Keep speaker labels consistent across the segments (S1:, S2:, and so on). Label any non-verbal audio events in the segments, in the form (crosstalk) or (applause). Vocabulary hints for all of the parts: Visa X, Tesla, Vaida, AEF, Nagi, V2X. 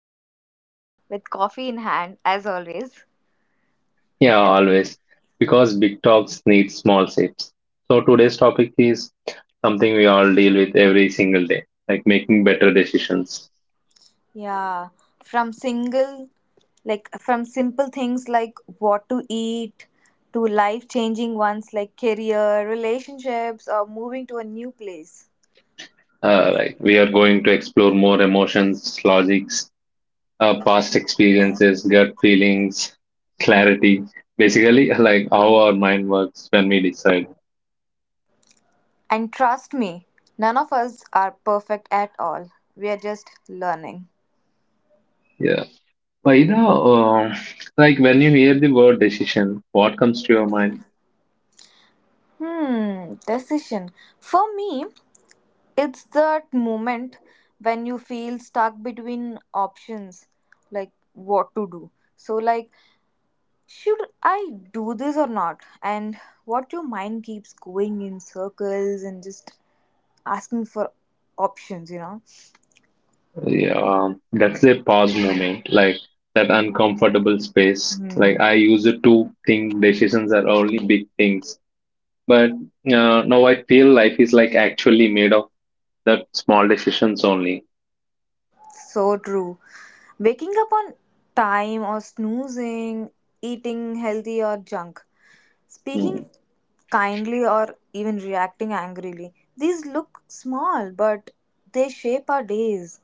S1: Wahida, with coffee in hand, as always.
S2: Yeah, always. Because big talks need small shapes. So today's topic is something we all deal with every single day, like making better decisions.
S1: Yeah, from single, like from simple things like what to eat to life changing ones like career, relationships, or moving to a new place.
S2: Like we are going to explore more emotions, logics, past experiences, gut feelings, clarity. Basically, (laughs) like how our mind works when we decide.
S1: And trust me, none of us are perfect at all. We are just learning.
S2: Yeah. Vaida, like when you hear the word decision, what comes to your
S1: Mhm.
S2: mind?
S1: Decision. For me, it's that moment when you feel stuck between options, like what to do. So, like, should I do this or not? And what your mind keeps going in circles and just asking for options,
S2: Yeah, that's a pause moment, like that uncomfortable space. Like
S1: Hmm,
S2: I used to think decisions are only big things, but now I feel life is like actually made of that small decisions only.
S1: so true. Waking up on time or snoozing, eating healthy or junk. Speaking
S2: Mm.
S1: kindly or even reacting angrily, these look small, but they shape our days.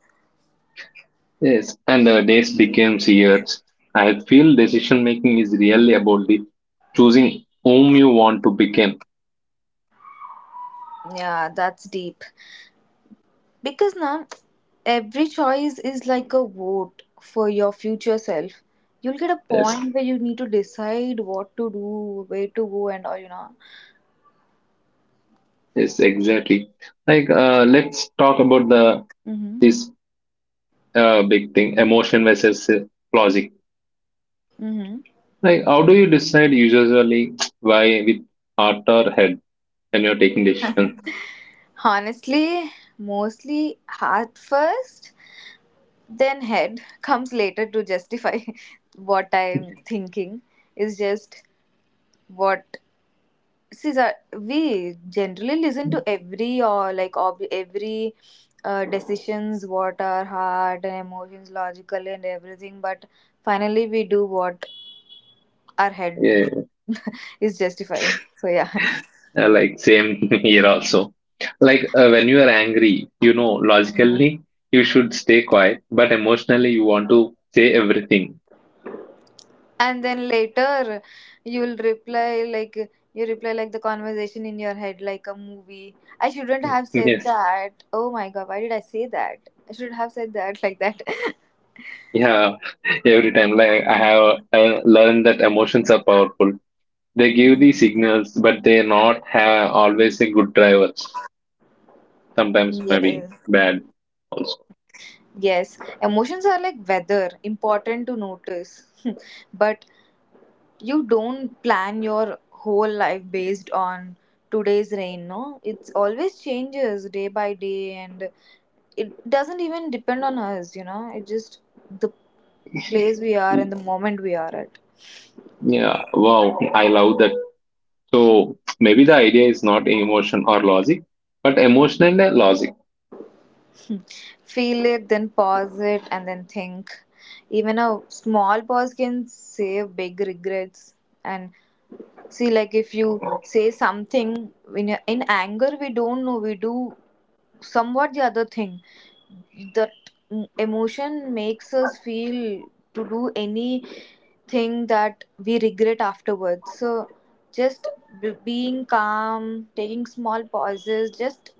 S2: Yes, and the days became years. I feel decision making is really about the choosing whom you want to become.
S1: Yeah, that's deep. Because now every choice is like a vote for your future self. You'll get a
S2: Yes,
S1: point where you need to decide what to do, where to go, and all,
S2: yes, exactly. Like let's talk about the
S1: Hmm.
S2: this big thing, emotion versus logic.
S1: Mm-hmm.
S2: Like, how do you decide usually why with heart or head when you're taking decisions?
S1: Honestly, mostly heart first, then head comes later to justify (laughs) what I'm thinking. It's just what see sir, we generally listen to every or like every decisions what our heart and emotions logical and everything but finally we do what our head
S2: Yeah,
S1: is justifying. (laughs) So yeah.
S2: like same (laughs) here also. Like when you are angry, you know,
S1: Mhm.
S2: logically you should stay quiet, but emotionally you want to say everything.
S1: And then later you'll reply like you reply like the conversation in your head like a movie. I shouldn't have
S2: (laughs)
S1: said
S2: Yes,
S1: that. Oh my god, why did I say that? I should have said that like that.
S2: yeah, every time. Like I have learned that emotions are powerful. They give the
S1: (laughs)
S2: signals, but they not have always a good driver. Sometimes maybe
S1: Yes.
S2: bad also.
S1: Yes, emotions are like weather, important to notice. (laughs) But you don't plan your whole life based on today's rain, no? It's always changes day by day and it doesn't even depend on us, It just the place we are and the moment we are at.
S2: Yeah, wow, I love that. So maybe the idea is not emotion or logic, but emotion and logic.
S1: (laughs) Feel it, then pause it, and then think. Even a small pause can save big regrets, and see, like if you say something in anger, we don't know. We do somewhat the other thing. That emotion makes us feel to do anything that we regret afterwards. So, just being calm, taking small pauses, just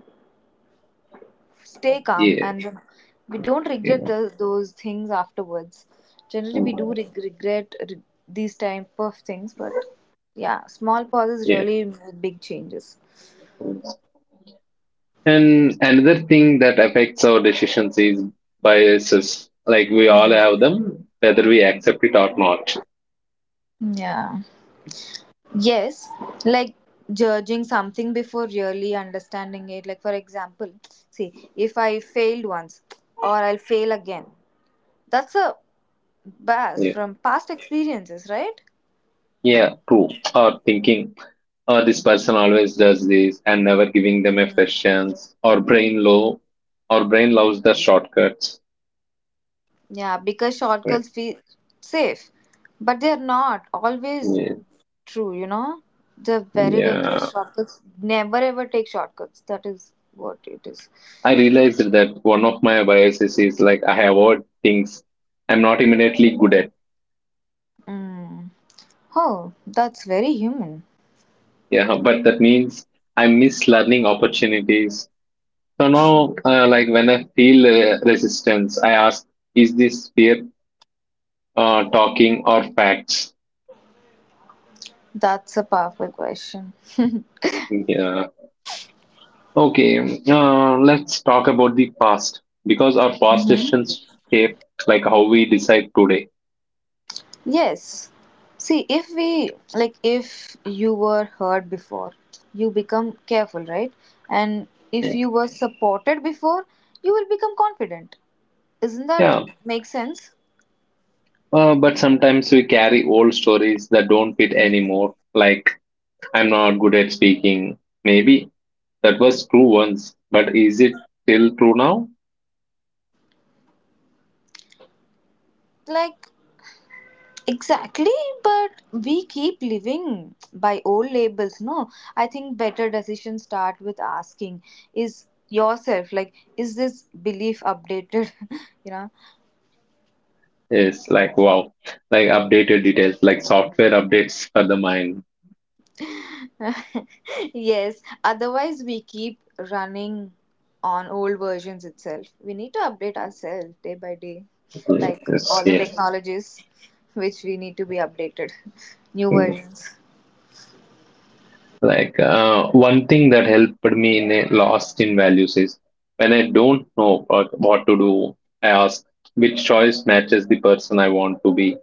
S1: stay calm
S2: Yeah,
S1: and then we don't regret
S2: yeah,
S1: those things afterwards. Generally these type of things, but yeah, small pauses
S2: yeah.
S1: really make big changes.
S2: And another thing that affects our decisions is biases. Like we all
S1: Mhm.
S2: have them, whether we accept it or not.
S1: Yeah, yes, like judging something before really understanding it, like for example, see, if I failed once, or I'll fail again, that's a bias
S2: Yeah,
S1: from past experiences, right?
S2: yeah, true. Or thinking, or this person always does this, and never giving them a fresh chance. Or brain loves the shortcuts.
S1: Yeah, because
S2: Right.
S1: shortcuts feel safe, but they're not always
S2: Yeah,
S1: true, They're very dangerous.
S2: yeah.
S1: Shortcuts never ever take shortcuts. That is what it is.
S2: I realized that one of my biases is like I avoid things I'm not immediately good at.
S1: Mm. Oh, that's very human.
S2: Yeah, but that means I miss learning opportunities. So now, like when I feel resistance, I ask, is this fear talking or facts?
S1: That's a powerful question. (laughs)
S2: Yeah. Okay, let's talk about the past because our past decisions shape like how we decide today.
S1: Yes. See, if we, like, if you were hurt before, you become careful, right? And if
S2: Yeah.
S1: you were supported before, you will become confident. Isn't that
S2: Yeah.
S1: make sense?
S2: But sometimes we carry old stories that don't fit anymore. Like I'm not good at speaking. Maybe that was true once, but is it still true now?
S1: Like, exactly, but we keep living by old labels, no? I think better decisions start with asking is yourself, like, is this belief updated? (laughs) you know
S2: Yes, like wow, like updated details, like software updates for the mind.
S1: (laughs) yes, otherwise we keep running on old versions itself. We need to update ourselves day by day like
S2: Yes,
S1: all the
S2: yes.
S1: technologies, which we need to be updated. (laughs) New versions.
S2: Like one thing that helped me in a lost in values is when I don't know what to do, I ask which choice matches the person I want to be.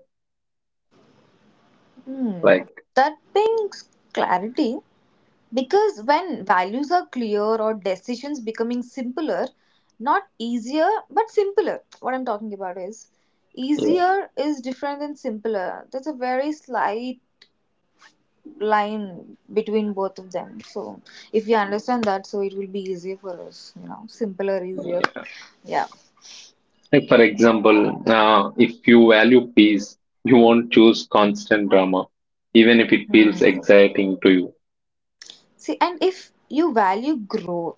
S1: Hmm.
S2: Like,
S1: That brings clarity. Because when values are clear or decisions becoming simpler, not easier but simpler, what I'm talking about is
S2: yeah.
S1: easier is different than simpler. There's a very slight line between both of them. So if you understand that, so it will be easier for us, simpler, easier.
S2: Yeah.
S1: Yeah.
S2: Like, for example, if you value peace, you won't choose constant drama, even if it feels
S1: Mhm.
S2: exciting to you.
S1: See, and if you value growth,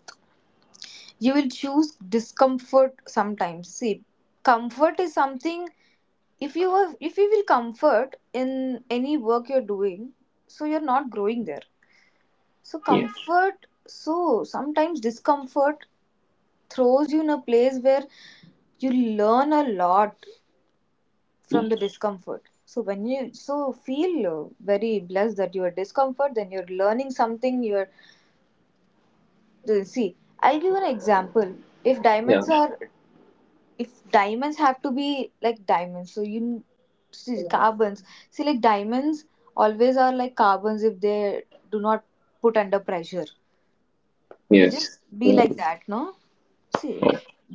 S1: you will choose discomfort sometimes. See, comfort is something. If you have, if you will comfort in any work you're doing, so you're not growing there. So
S2: Yeah,
S1: comfort, so sometimes discomfort throws you in a place where you learn a lot from the discomfort. So when you so feel very blessed that you are discomfort, then you're learning something. You're see, I'll give an example. If
S2: yeah,
S1: diamonds are, if diamonds have to be like diamonds, so see carbons, see like diamonds always are like carbons if they do not put under pressure, will
S2: yes,
S1: just be like
S2: Mm.
S1: that, no? See,
S2: Oh,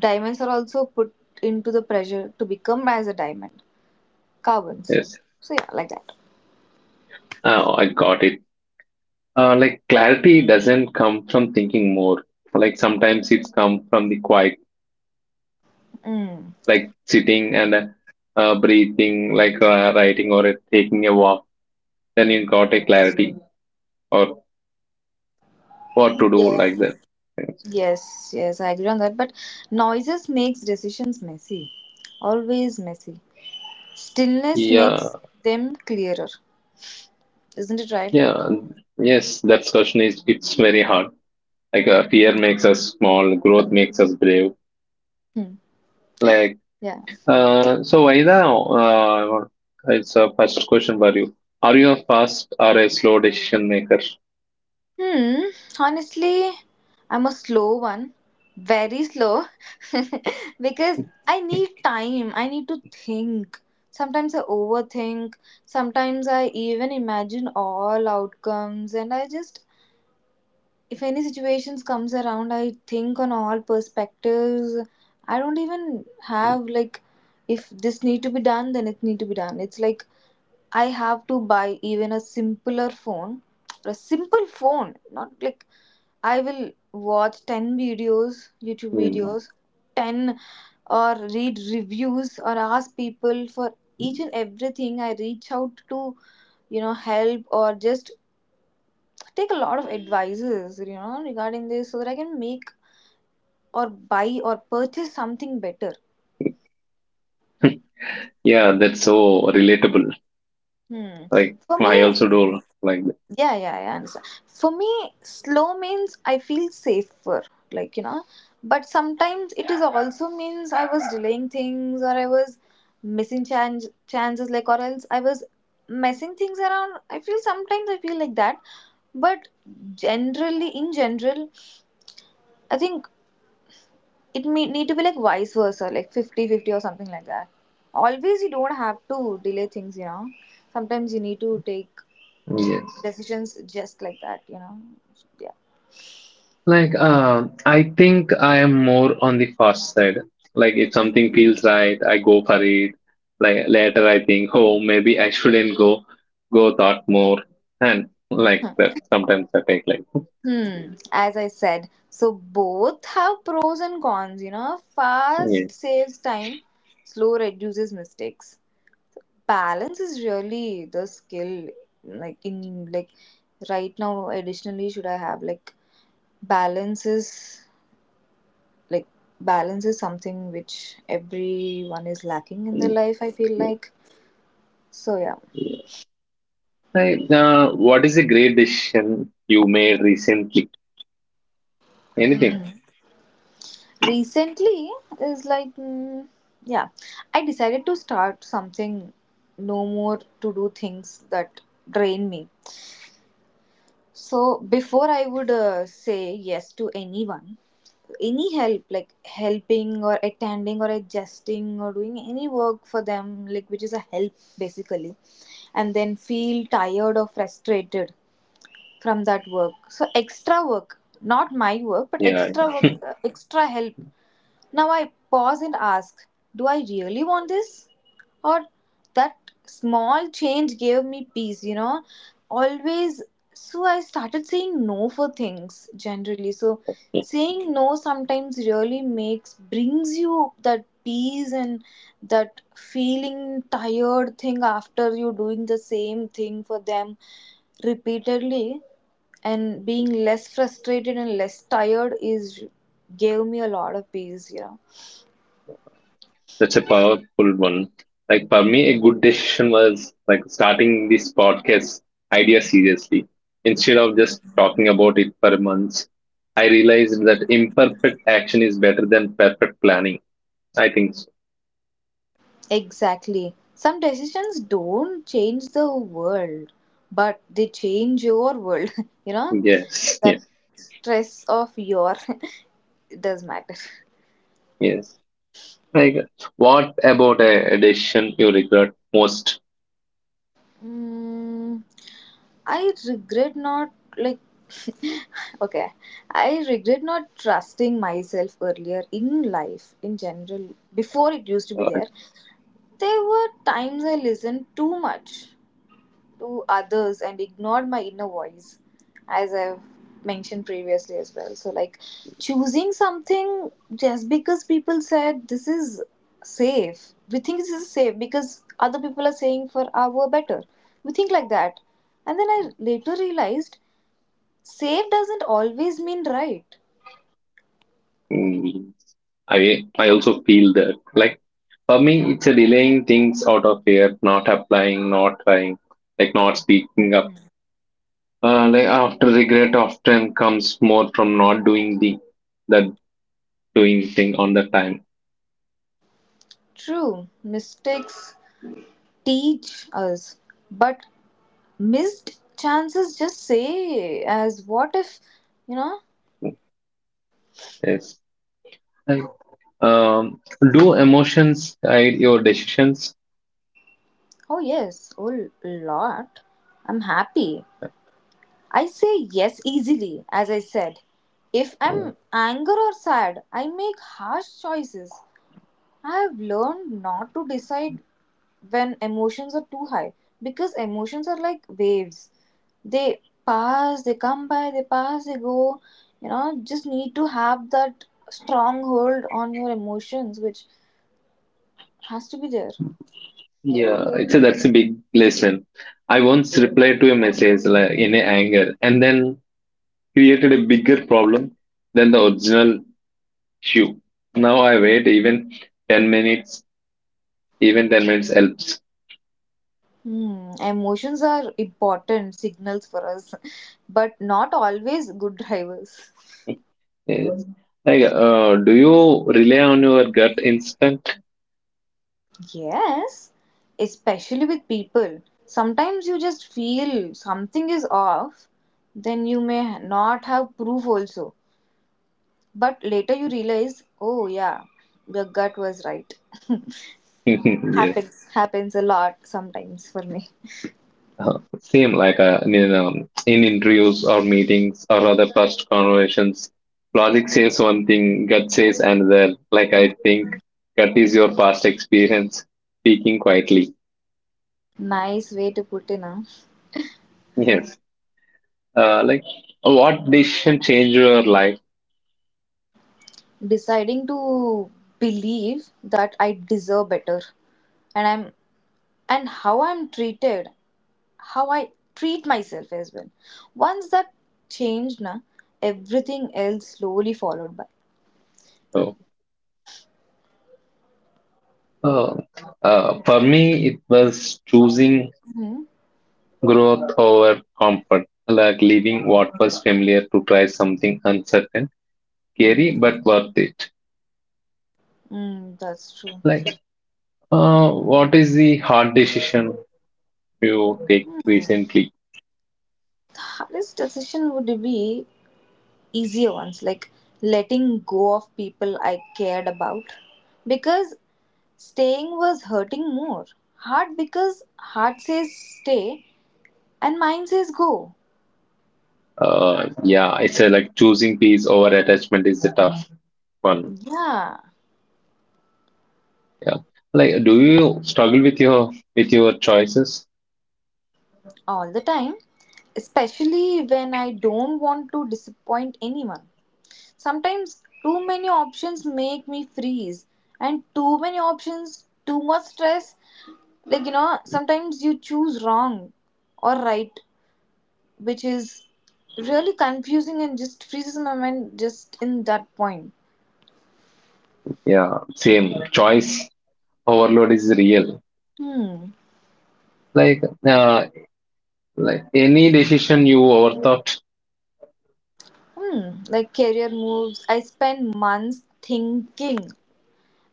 S1: diamonds are also put into the pressure to become as a diamond, carbons.
S2: yes.
S1: So yeah, like that.
S2: Oh, I got it. Like clarity doesn't come from thinking more. Like sometimes it's come from the quiet,
S1: Mm.
S2: like sitting and breathing, like writing or taking a walk. Then you got a clarity or what to do
S1: Yeah,
S2: like that. Yes.
S1: yes, yes I agree on that, but noises makes decisions messy, always messy. Stillness makes
S2: Yeah.
S1: them clearer, isn't it right?
S2: Yeah, and yes, that question is it's very hard. Like fear makes us small, growth makes us brave.
S1: Hmm.
S2: Like
S1: Yeah.
S2: so, Vaida, it's a first question for you. Are you a fast or a slow decision maker?
S1: Hmm. Honestly, I'm a slow one. Very slow. (laughs) Because I need time. I need to think. Sometimes I overthink. Sometimes I even imagine all outcomes and I just, if any situations comes around, I think on all perspectives. I don't even have like, if this need to be done, then it need to be done. It's like I have to buy even a simpler phone. A simple phone, not like I will watch 10 videos, YouTube
S2: Mm.
S1: videos, 10 or read reviews or ask people for each and everything. I reach out to, help, or just take a lot of advices, regarding this so that I can make or buy or purchase something better.
S2: Yeah, that's so relatable.
S1: Hmm.
S2: Like
S1: For
S2: I
S1: me,
S2: also do like.
S1: yeah, yeah, yeah. I understand. For me, slow means I feel safer, like, But sometimes it is also means I was delaying things, or I was missing chances, like, or else I was messing things around. I feel sometimes I feel like that. But generally, in general, I think it may need to be like vice versa, like 50 50 or something like that. Always, you don't have to delay things, Sometimes you need to take
S2: Yes.
S1: decisions just like that, Yeah.
S2: Like, I think I am more on the fast side. Like, if
S1: Mhm.
S2: something feels right, I go for it. Like later, I think, oh, maybe I (laughs) shouldn't go. Go thought more, and like
S1: Huh.
S2: that. Sometimes I take like,
S1: Hmm. As I said, so both have pros and cons,
S2: yeah.
S1: Fast saves time, slow reduces mistakes. Balance is really the skill, like, in like right now additionally should I have balance is like balance is something which everyone is lacking in their
S2: Mm.
S1: life, I feel like. So yeah.
S2: Like, what is a great decision you made recently? Anything?
S1: Mm-hmm. Recently is like mm, yeah, I decided to start something. No more to do things that drain me. So before I would say yes to anyone, any help, like helping or attending or adjusting or doing any work for them, like which is a help basically, and then feel tired or frustrated from that work. So extra work, not my work, but
S2: Yeah.
S1: extra work, extra help. Now I pause and ask, do I really want this? Or that small change gave me peace, Always. So I started saying no for things generally. So
S2: Yeah.
S1: saying no sometimes really makes, brings you that peace. And that feeling tired thing after you doing the same thing for them repeatedly and being less frustrated and less tired is gave me a lot of peace,
S2: That's a powerful one. Like for me, a good decision was like starting this podcast idea seriously. Instead of just talking about it for months, I realized that imperfect action is better than perfect planning. I think so.
S1: Exactly. Some decisions don't change the world, but they change your world. (laughs) You know,
S2: Yes. (laughs)
S1: that
S2: Yeah.
S1: stress of your (laughs) it does matter.
S2: Yes. Like, what about a decision you regret most?
S1: Mm, I regret not like, okay. I regret not trusting myself earlier in life in general. Before it used to be
S2: Uh,
S1: there, there were times I listened too much to others and ignored my inner voice, as I've mentioned previously as well. So, like choosing something just because people said this is safe, we think this is safe because other people are saying for our better. We think like that. And then I later realized safe doesn't always mean right.
S2: mm, I also feel that like. For me, it's a delaying things out of fear, not applying, not trying, like not speaking up. Like after regret often comes more from not doing the that doing thing on the time.
S1: True, mistakes teach us, but missed chances just say as what if, you know
S2: Yes. Like, um, do emotions guide your decisions?
S1: Oh, yes, lot. I'm happy, I say yes easily, as I said. If I'm angry or sad, I make harsh choices. I have learned not to decide when emotions are too high, because emotions are like waves. They pass, they come by, they pass, they go. Just need to have that strong hold on your emotions, which has to be there.
S2: Yeah, it's a, that's a big lesson. I once replied to a message like, in a anger and then created a bigger problem than the original issue. Now I wait even 10 minutes. Even 10 minutes helps.
S1: Hmm, emotions are important signals for us, but not always good drivers.
S2: Yes. Like, do you rely on your gut instinct? (laughs)
S1: Yes, especially with people. Sometimes you just feel something is off, then you may not have proof also. But later you realize, oh yeah, your gut was right. (laughs)
S2: Yes.
S1: Happens, happens a lot sometimes for me.
S2: Same like in interviews or meetings or other first conversations. Logic says one thing, gut says another. Like, I think gut is your past experience speaking quietly.
S1: Nice way to put in, huh?
S2: Yes. Like, what decision changed your life?
S1: Deciding to believe that I deserve better and I'm and how I'm treated, how I treat myself as well. Once that changed, na, everything else slowly followed by.
S2: So, uh, for me, it was choosing
S1: Hmm.
S2: growth over comfort, like leaving what was familiar to try something uncertain,
S1: Mm,
S2: scary but worth it.
S1: mm, that's true.
S2: Like, what is the hard decision you take recently?
S1: Hardest decision would be easier ones, like letting go of people I cared about because staying was hurting more. Hard because heart says stay and mind says go.
S2: Yeah, it's a, like choosing peace over attachment is the tough one.
S1: Yeah,
S2: Yeah, like, do you struggle with your choices?
S1: all the time, especially when I don't want to disappoint anyone. Sometimes too many options make me freeze, and too many options, too much stress. Like, sometimes you choose wrong or right, which is really confusing and just freezes my mind just in that point.
S2: Yeah, same choice overload is real.
S1: Hmm.
S2: Like, uh, like any decision you overthought.
S1: Hmm. Like career moves, I spend months thinking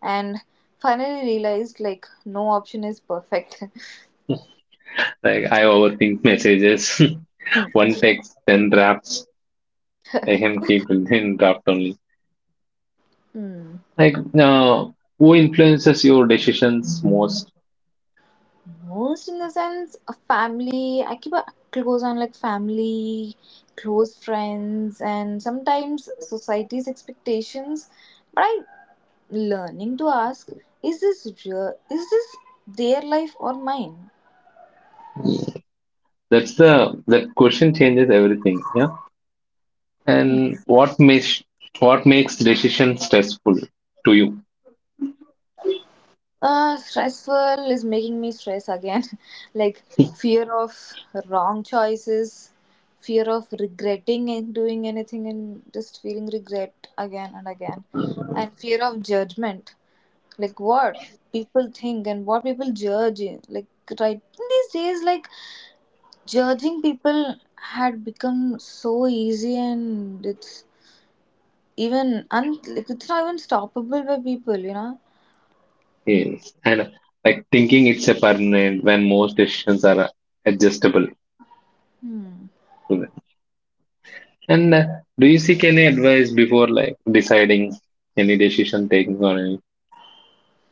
S1: and finally realized like no option is perfect. (laughs)
S2: Like, I overthink messages.
S1: Hmm.
S2: (laughs) One text, then drafts. I can keep (laughs) in draft only.
S1: Hmm.
S2: Like, who influences your decisions most?
S1: Most in the sense a family, I keep a close on, like, family, close friends, and sometimes society's expectations, but I learning to ask, is this real? Is this their life or mine?
S2: That's the that question changes everything. Yeah,
S1: Hmm.
S2: and what makes decision stressful to you?
S1: Stressful is making me stress again. (laughs) Like, fear of wrong choices, fear of regretting and doing anything and just feeling regret again and again, and fear of judgment. Like, what people think and what people like, right, these days, like, judging people had become so easy, and it's even like, it's not even stoppable by people, you know.
S2: Yes, and like thinking it's a permanent when most decisions are adjustable
S1: hmm.
S2: to them. And do you seek any advice before like deciding any decision taking or any?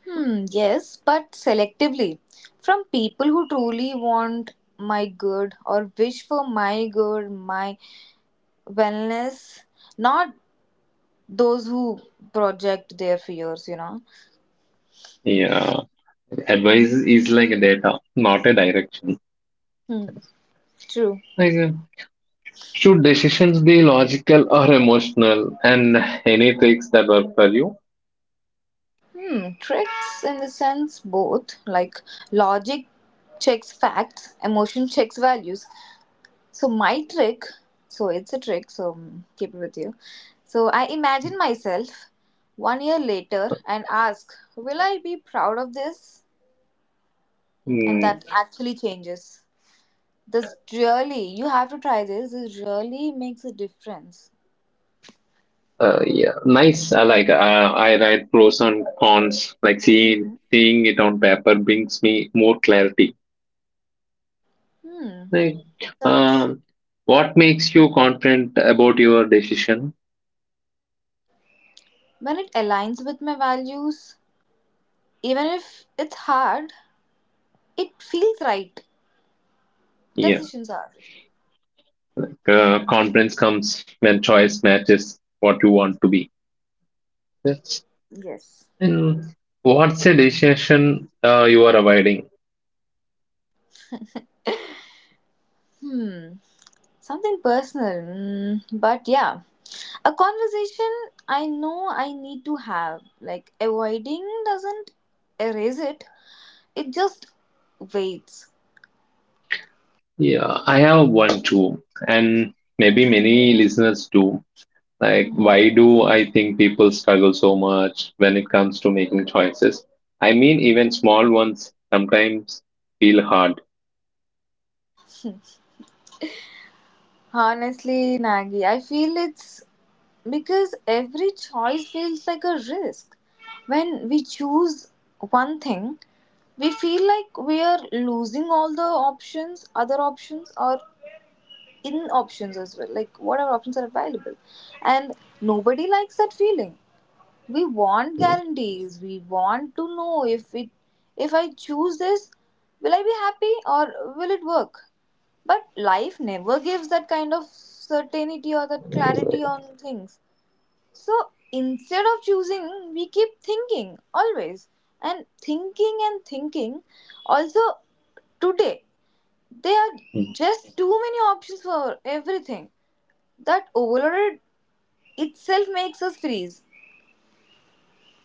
S1: Hmm, yes, but selectively, from people who truly want my good or wish for my good, my wellness, not those who project their fears, you know.
S2: Yeah, advice is like a data, not a direction.
S1: hmm. True.
S2: Like, should decisions be logical or emotional? And any tricks that work for you?
S1: Hmm, tricks in the sense both, like, logic checks facts, emotion checks values. So my trick, so it's a trick, so mm, keep it with you. So I imagine myself one year later and ask, will I be proud of this? And
S2: Mm,
S1: that actually changes. This really, you have to try this. This really makes a difference.
S2: yeah, nice. I like. I write pros and cons. Like seeing it on paper brings me more clarity.
S1: Hmm,
S2: Like,
S1: that's it.
S2: um, what makes you confident about your decision?
S1: When it aligns with my values, even if it's hard, it feels right.
S2: Yeah,
S1: Decisions are.
S2: confidence comes when choice matches what you want to be. That's,
S1: Yes.
S2: and what's a decision you are avoiding?
S1: Hmm. Something personal. Mm, but yeah. A conversation I know I need to have. Like, avoiding doesn't erase it, it just waits.
S2: Yeah, I have one too, and maybe many listeners do. Like,
S1: Hmm. (laughs)
S2: why do I think people struggle so much when it comes to making choices? I mean, even small ones sometimes feel hard.
S1: Honestly, Nagi, I feel it's because every choice feels like a risk. When we choose one thing, we feel like we are losing all the options, other options, or in options as well, like, what are options are available, and nobody likes that feeling. We want
S2: Uh,
S1: guarantees, we want to know if it, if I choose this, will I be happy, or will it work? But life never gives that kind of certainty or that clarity on things. So instead of choosing, we keep thinking always, and thinking and thinking. Also, today there are just too many options for everything, that overloaded itself makes us freeze.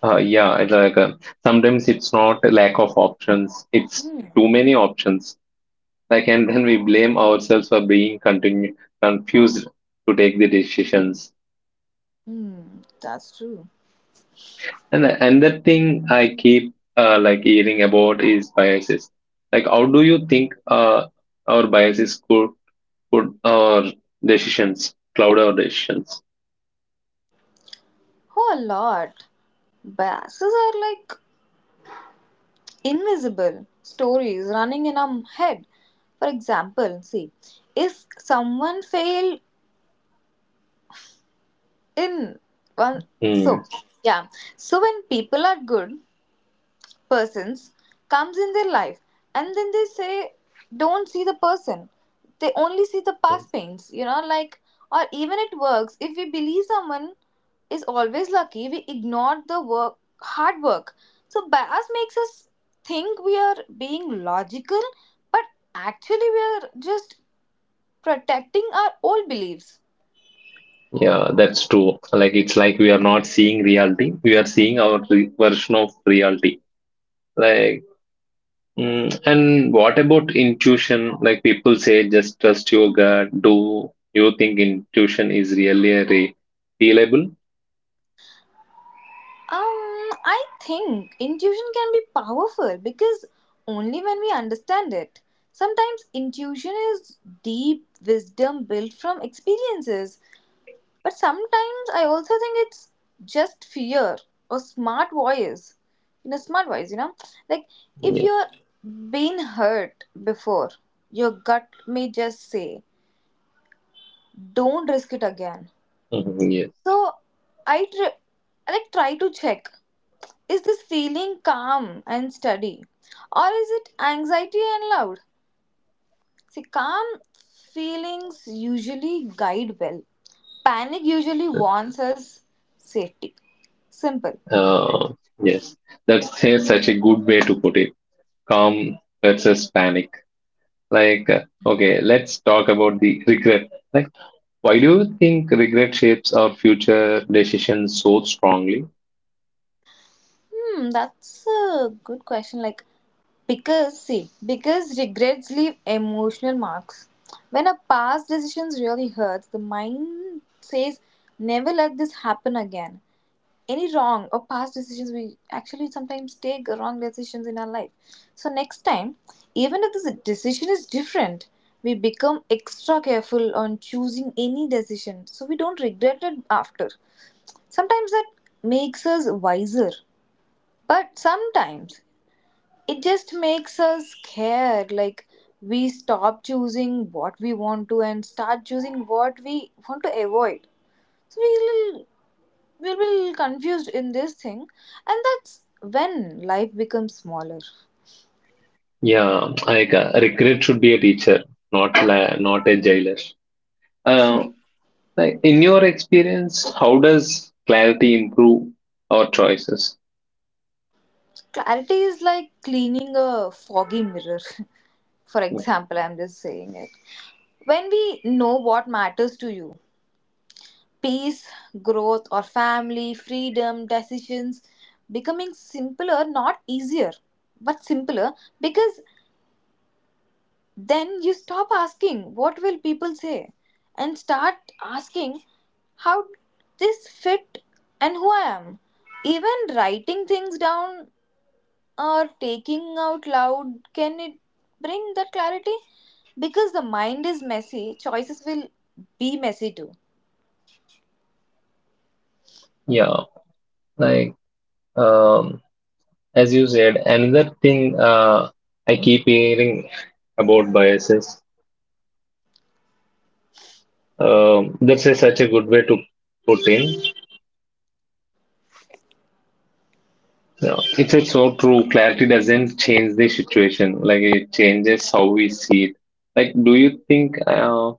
S2: yeah, it's like sometimes it's not a lack of options, it's
S1: Hmm.
S2: too many options. Like, and then we blame ourselves for being continu confused to take the decisions.
S1: Hmm, that's true.
S2: And the another thing I keep like hearing about is biases. Like, how do you think our biases could our decisions cloud our decisions?
S1: Oh, a lot. Biases are like invisible stories running in our head. For example, see, if someone failed in one,
S2: Hmm.
S1: so yeah, so when people are good, persons comes in their life, and then they say, don't see the person, they only see the past pains, you know, like, or even it works, if we believe someone is always lucky, we ignore the work, hard work. So bias makes us think we are being logical, but actually we are just protecting our old beliefs.
S2: Yeah, that's true. Like, it's like we are not seeing reality; we are seeing our re- version of reality. Like, mm, and what about intuition? Like, people say, just trust your gut. Do you think intuition is really a re- reliable?
S1: I think intuition can be powerful because only when we understand it. Sometimes intuition is deep wisdom built from experiences, but sometimes I also think it's just fear or smart voice. You know, smart voice, you know, like, if
S2: Yeah.
S1: you're been hurt before, your gut may just say, "Don't risk it again."
S2: Mhm, yes.
S1: So I tr- I like try to check, is this feeling calm and steady? Or is it anxiety and loud? See, calm feelings usually guide well. Panic usually warns us safety. Simple.
S2: Uh, yes, that's a- such a good way to put it. Calm versus panic. Like, okay, let's talk about the regret. Like, why do you think regret shapes our future decisions so strongly?
S1: Hmm, that's a good question. Like, because, see, because regrets leave emotional marks. When a past decision really hurts, the mind says, never let this happen again. Any wrong or past decisions, we actually sometimes take wrong decisions in our life, so next time, even if this decision is different, we become extra careful on choosing any decision, so we don't regret it after. Sometimes that makes us wiser, but sometimes it just makes us scared, like, we stop choosing what we want to and start choosing what we want to avoid, so we'll be confused in this thing, and that's when life becomes smaller.
S2: Yeah, like regret should be a teacher, not la- not a jailer. Uh, like in your experience, how does clarity improve our choices?
S1: Clarity is like cleaning a foggy mirror. (laughs) For example, I'm just saying it, when we know what matters to you, peace, growth, or family, freedom, decisions becoming simpler, not easier, but simpler, because then you stop asking what will people say and start asking how this fit and who I am. Even writing things down or taking out loud can it bring that clarity, because the mind is messy, choices will be messy too.
S2: Yeah, like. Um, As you said, another thing I keep hearing about biases. That's a, such a good way to put in. Yeah, it's so true. Clarity doesn't change the situation. Like it changes how we see it. Like, do you think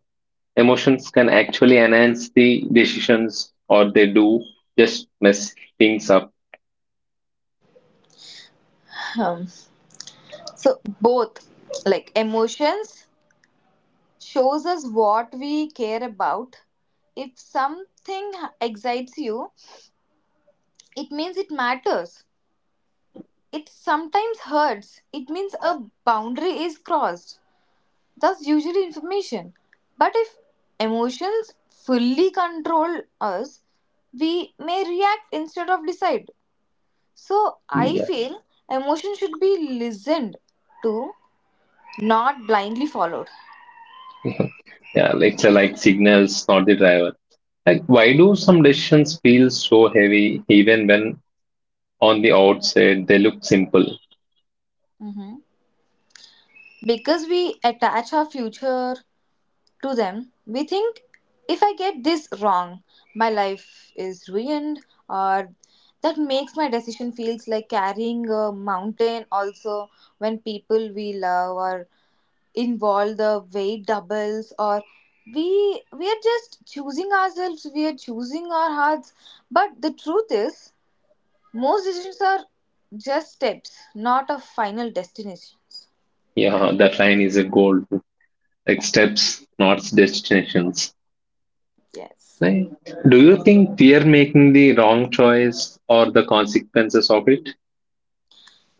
S2: emotions can actually enhance the decisions, or they do just mess things up?
S1: um, so both, like, emotions shows us what we care about. If something excites you, it means it matters. It sometimes hurts. It means a boundary is crossed. That's usually information. But if emotions fully control us, we may react instead of decide. So I
S2: Yeah,
S1: feel emotion should be listened to, not blindly followed.
S2: (laughs) yeah. It's a, like signals, not the driver. Like, why do some decisions feel so heavy even when on the outside, they look simple.
S1: Mhm. Because we attach our future to them, we think if I get this wrong, my life is ruined, or that makes my decision feels like carrying a mountain. Also, when people we love are involved, the weight doubles, or we are just choosing ourselves. We are choosing our hearts, but the truth is, most decisions are just steps, not a final destinations.
S2: Yeah, that line is a goal. Like steps, not destinations.
S1: Yes.
S2: Right? Do you think we are making the wrong choice or the consequences of it?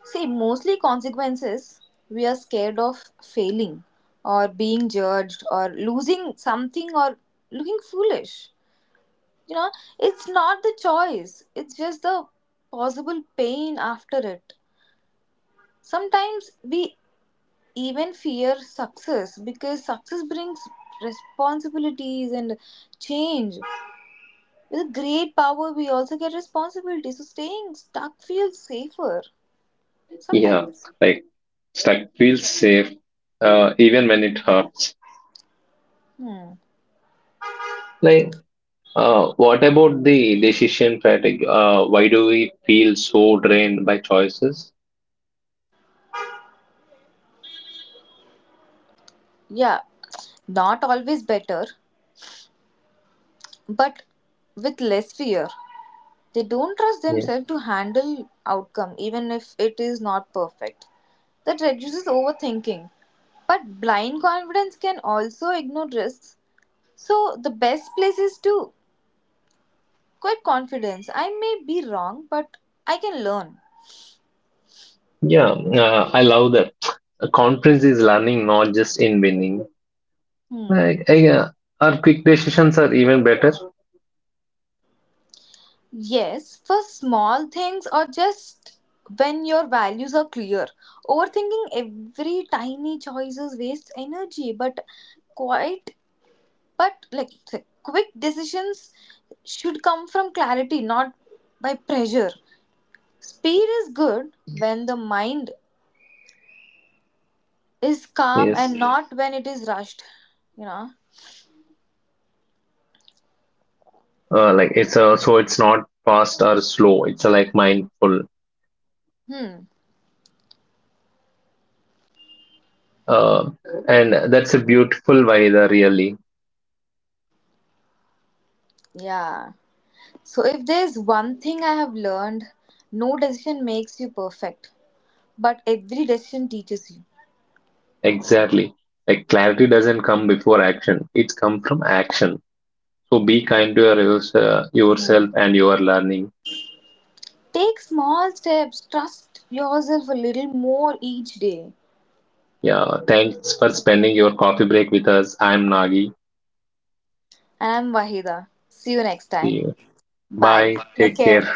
S1: See, mostly consequences, we are scared of failing or being judged or losing something or looking foolish. You know, it's not the choice, it's just the possible pain after it. Sometimes we even fear success, because success brings responsibilities and change. With great power, we also get responsibility, so staying stuck feels safer
S2: Yeah,
S1: sometimes.
S2: like stuck feels safe even when it hurts.
S1: Hmm.
S2: Like, what about the decision fatigue? Why do we feel so drained by choices?
S1: Yeah, not always better, but with less fear. They don't trust
S2: Yeah,
S1: themselves to handle outcome even if it is not perfect. That reduces overthinking. But blind confidence can also ignore risks. So the best place is to quit confidence. I may be wrong, but I can learn.
S2: yeah, I love that. A conference is learning, not just in winning.
S1: Hmm.
S2: I, I, uh, our quick decisions are even better.
S1: Yes, for small things or just when your values are clear. Overthinking every tiny choices wastes energy, but quite, but quick decisions should come from clarity, not by pressure. Speed is good when the mind is calm
S2: Yes.
S1: and not when it is rushed, you know.
S2: Like it's so it's not fast or slow. It's like mindful.
S1: Hmm.
S2: Uh, and that's a beautiful weather, really.
S1: Yeah. So if there's one thing I have learned, no decision makes you perfect, but every decision teaches you.
S2: Exactly. Like clarity doesn't come before action. It's come from action. So be kind to your, yourself and your learning.
S1: Take small steps, trust yourself a little more each day.
S2: Yeah. Thanks for spending your coffee break with us. I'm Nagi.
S1: And I'm Wahida. See you next
S2: See
S1: time.
S2: you.
S1: Bye.
S2: Bye.
S1: Take
S2: Take care.
S1: care.